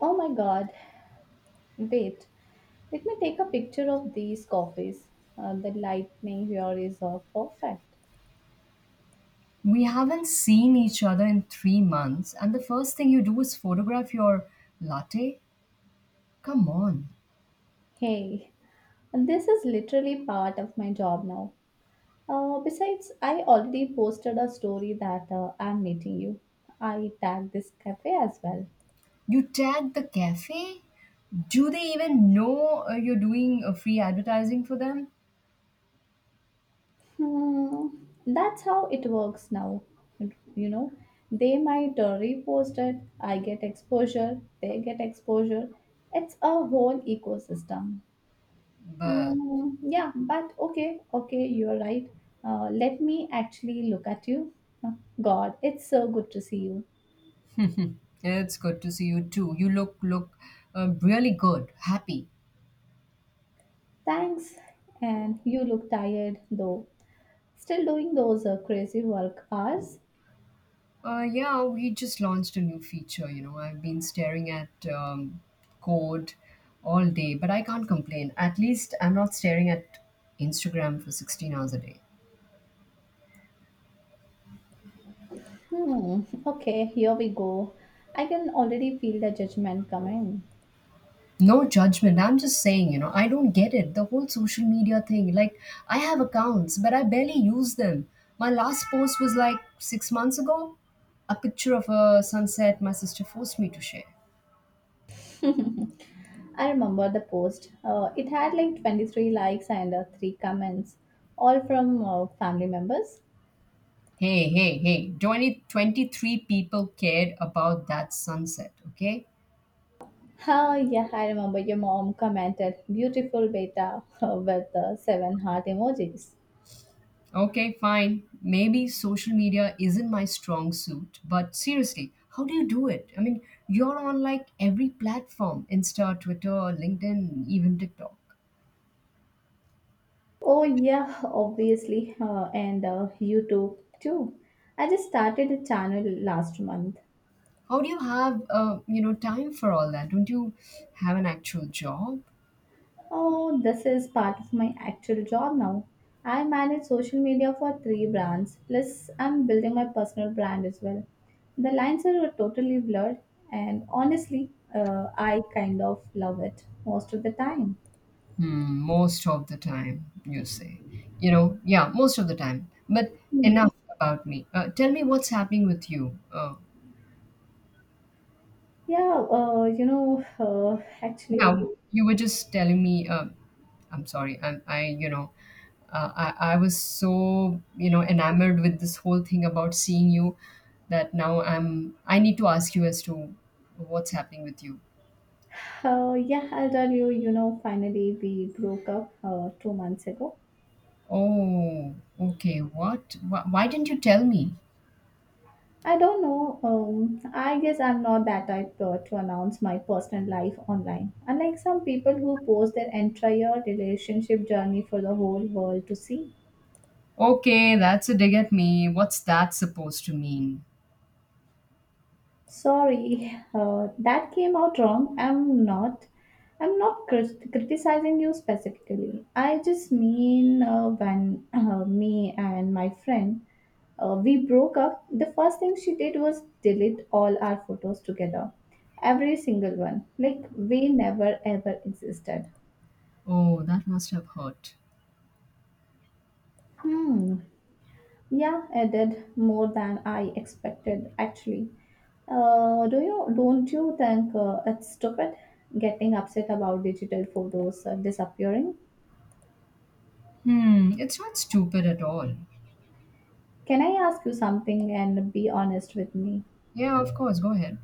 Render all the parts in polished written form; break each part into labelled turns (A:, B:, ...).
A: Oh my god, wait, let me take a picture of these coffees. The lightning here is perfect.
B: We haven't seen each other in 3 months, and the first thing you do is photograph your latte? Come on.
A: Hey, this is literally part of my job now. Besides, I already posted a story that I'm meeting you. I tagged this cafe as well.
B: You tag the cafe? Do they even know you're doing free advertising for them?
A: Hmm, that's how it works now. You know, they might repost it, I get exposure, they get exposure. It's a whole ecosystem.
B: But
A: Mm, yeah, but okay, you're right. Let me actually look at you. Oh, God, it's so good to see you.
B: it's good to see you too. You look really good, happy.
A: Thanks. And you look tired though. Still doing those crazy work hours?
B: Yeah, we just launched a new feature. You know, I've been staring at code all day, but I can't complain. At least I'm not staring at Instagram for 16 hours a day.
A: Hmm, okay, here we go. I can already feel the judgment coming.
B: No judgment. I'm just saying, you know, I don't get it. The whole social media thing. Like, I have accounts, but I barely use them. My last post was like 6 months ago, a picture of a sunset my sister forced me to share.
A: I remember the post. It had like 23 likes and 3 comments, all from family members.
B: Hey, hey, hey, 20, 23 people cared about that sunset, okay?
A: Oh, yeah, I remember your mom commented beautiful beta with seven heart emojis.
B: Okay, fine. Maybe social media isn't my strong suit, but seriously, how do you do it? I mean, you're on like every platform, Insta, Twitter, LinkedIn, even TikTok.
A: Oh, yeah, obviously. And YouTube too. I just started a channel last month.
B: How do you have you know time for all that? Don't you have an actual job?
A: Oh, this is part of my actual job now. I manage social media for three brands, plus, I'm building my personal brand as well. The lines are totally blurred, and honestly, I kind of love it most of the time.
B: Hmm, most of the time, you say. You know, yeah, most of the time. But
A: Hmm.
B: enough about me. Tell me what's happening with you.
A: Yeah, uh, you know, uh, actually,
B: Yeah,
A: we-
B: you were just telling me. I'm sorry. I I was so enamored with this whole thing about seeing you that now I need to ask you as to what's happening with you.
A: yeah, I'll tell you, finally we broke up 2 months ago.
B: Oh, okay. What? Why didn't you tell me?
A: I don't know, I guess I'm not that type to announce my personal life online. Unlike some people who post their entire relationship journey for the whole world to see.
B: Okay, that's a dig at me. What's that supposed to mean?
A: Sorry, that came out wrong. I'm not. Criticizing you specifically. I just mean when me and my friend we broke up, the first thing she did was delete all our photos together, every single one, like we never ever existed.
B: Oh, that must have hurt.
A: Hmm. Yeah, I did more than I expected actually. Do you Don't you think it's stupid getting upset about digital photos disappearing?
B: Hmm, it's not stupid at all.
A: Can I ask you something and be honest with me?
B: Yeah, of course, go ahead.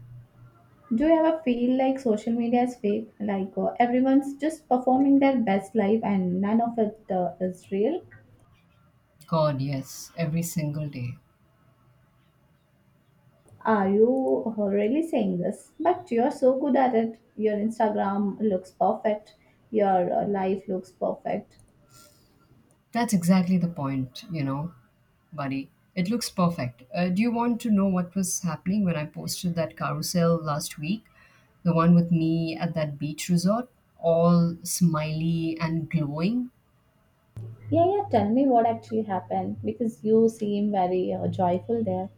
A: Do you ever feel like social media is fake? Like everyone's just performing their best life and none of it is real?
B: God, yes, every single day.
A: Are you really saying this? But you're so good at it. Your Instagram looks perfect. Your life looks perfect.
B: That's exactly the point, you know, buddy. It looks perfect. Do you want to know what was happening when I posted that carousel last week? The one with me at that beach resort, all smiley and glowing?
A: Yeah, yeah, tell me what actually happened because you seem very joyful there.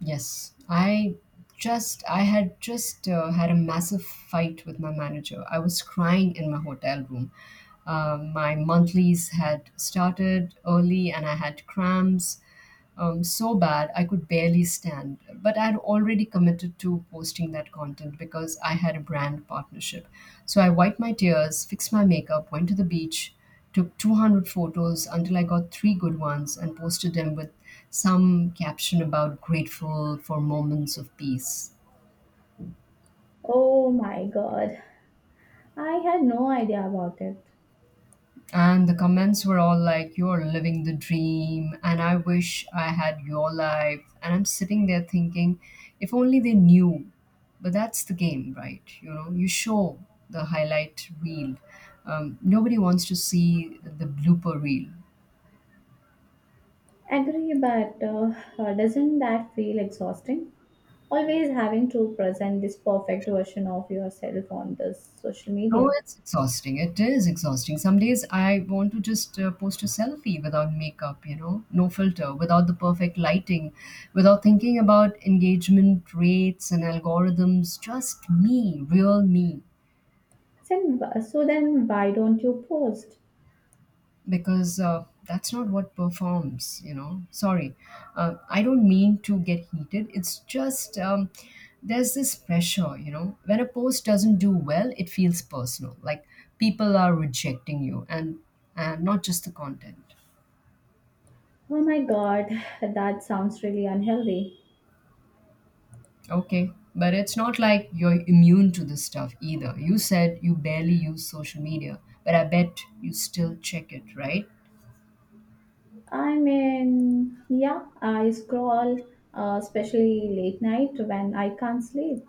B: Yes, I had just had a massive fight with my manager. I was crying in my hotel room. My monthlies had started early and I had cramps so bad I could barely stand. But I had already committed to posting that content because I had a brand partnership. So I wiped my tears, fixed my makeup, went to the beach, took 200 photos until I got three good ones and posted them with some caption about grateful for moments of peace.
A: Oh my god, I had no idea about it.
B: And the comments were all like, "You're living the dream," and "I wish I had your life." And I'm sitting there thinking, if only they knew. But that's the game, right? You know, you show the highlight reel. Nobody wants to see the blooper reel.
A: Agree, but doesn't that feel exhausting? Always having to present this perfect version of yourself on this social
B: No,
A: media.
B: it's exhausting. It is exhausting. Some days I want to just post a selfie without makeup, you know, no filter, without the perfect lighting, without thinking about engagement rates and algorithms. Just me, real me.
A: Then, so then why don't you post?
B: Because that's not what performs, you know. Sorry, I don't mean to get heated. It's just there's this pressure, you know, when a post doesn't do well it feels personal, like people are rejecting you and not just the content.
A: Oh my god, that sounds really unhealthy.
B: Okay, but it's not like you're immune to this stuff either. You said you barely use social media, but I bet you still check it, right?
A: I mean, yeah, I scroll, especially late night when I can't sleep.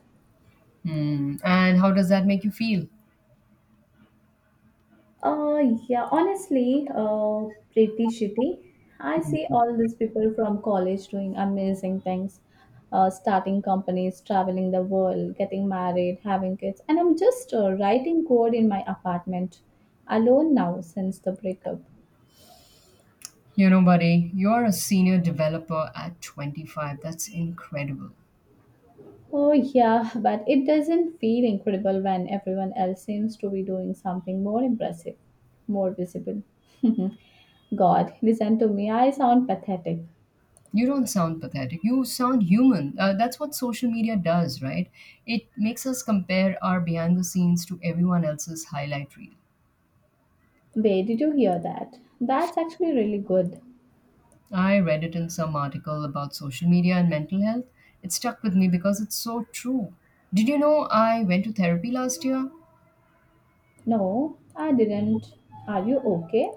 B: Hmm. And how does that make you feel?
A: Uh, yeah, honestly, pretty shitty. I see
B: Hmm.
A: all these people from college doing amazing things, starting companies, traveling the world, getting married, having kids, and I'm just writing code in my apartment alone now since the breakup.
B: You know, buddy, you're a senior developer at 25. That's incredible.
A: Oh, yeah, but it doesn't feel incredible when everyone else seems to be doing something more impressive, more visible. God, listen to me, I sound pathetic.
B: You don't sound pathetic. You sound human. That's what social media does, right? It makes us compare our behind the scenes to everyone else's highlight reel.
A: Where did you hear that? That's actually really good.
B: I read it in some article about social media and mental health. It stuck with me because it's so true. Did you know I went to therapy last year?
A: No, I didn't. Are you okay?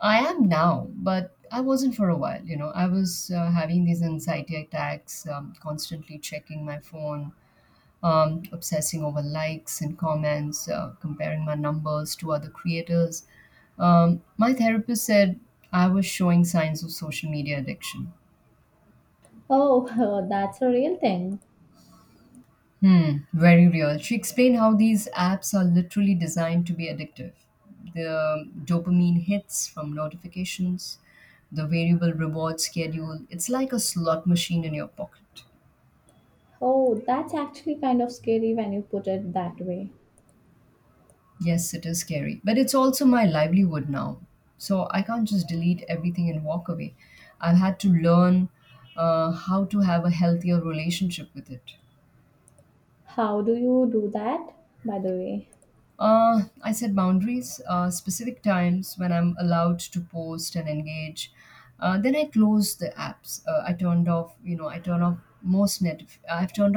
B: I am now, but I wasn't for a while. You know, I was having these anxiety attacks, constantly checking my phone, obsessing over likes and comments, comparing my numbers to other creators. My therapist said I was showing signs of social media addiction.
A: Oh, that's a real thing.
B: Hmm, very real. She explained how these apps are literally designed to be addictive. The dopamine hits from notifications, the variable reward schedule, it's like a slot machine in your pocket.
A: Oh, that's actually kind of scary when you put it that way.
B: Yes, it is scary, but it's also my livelihood now. So I can't just delete everything and walk away. I've had to learn how to have a healthier relationship with it.
A: How do you do that, by the way?
B: I set boundaries, specific times when I'm allowed to post and engage. Then I close the apps. I turn off most net. I've turned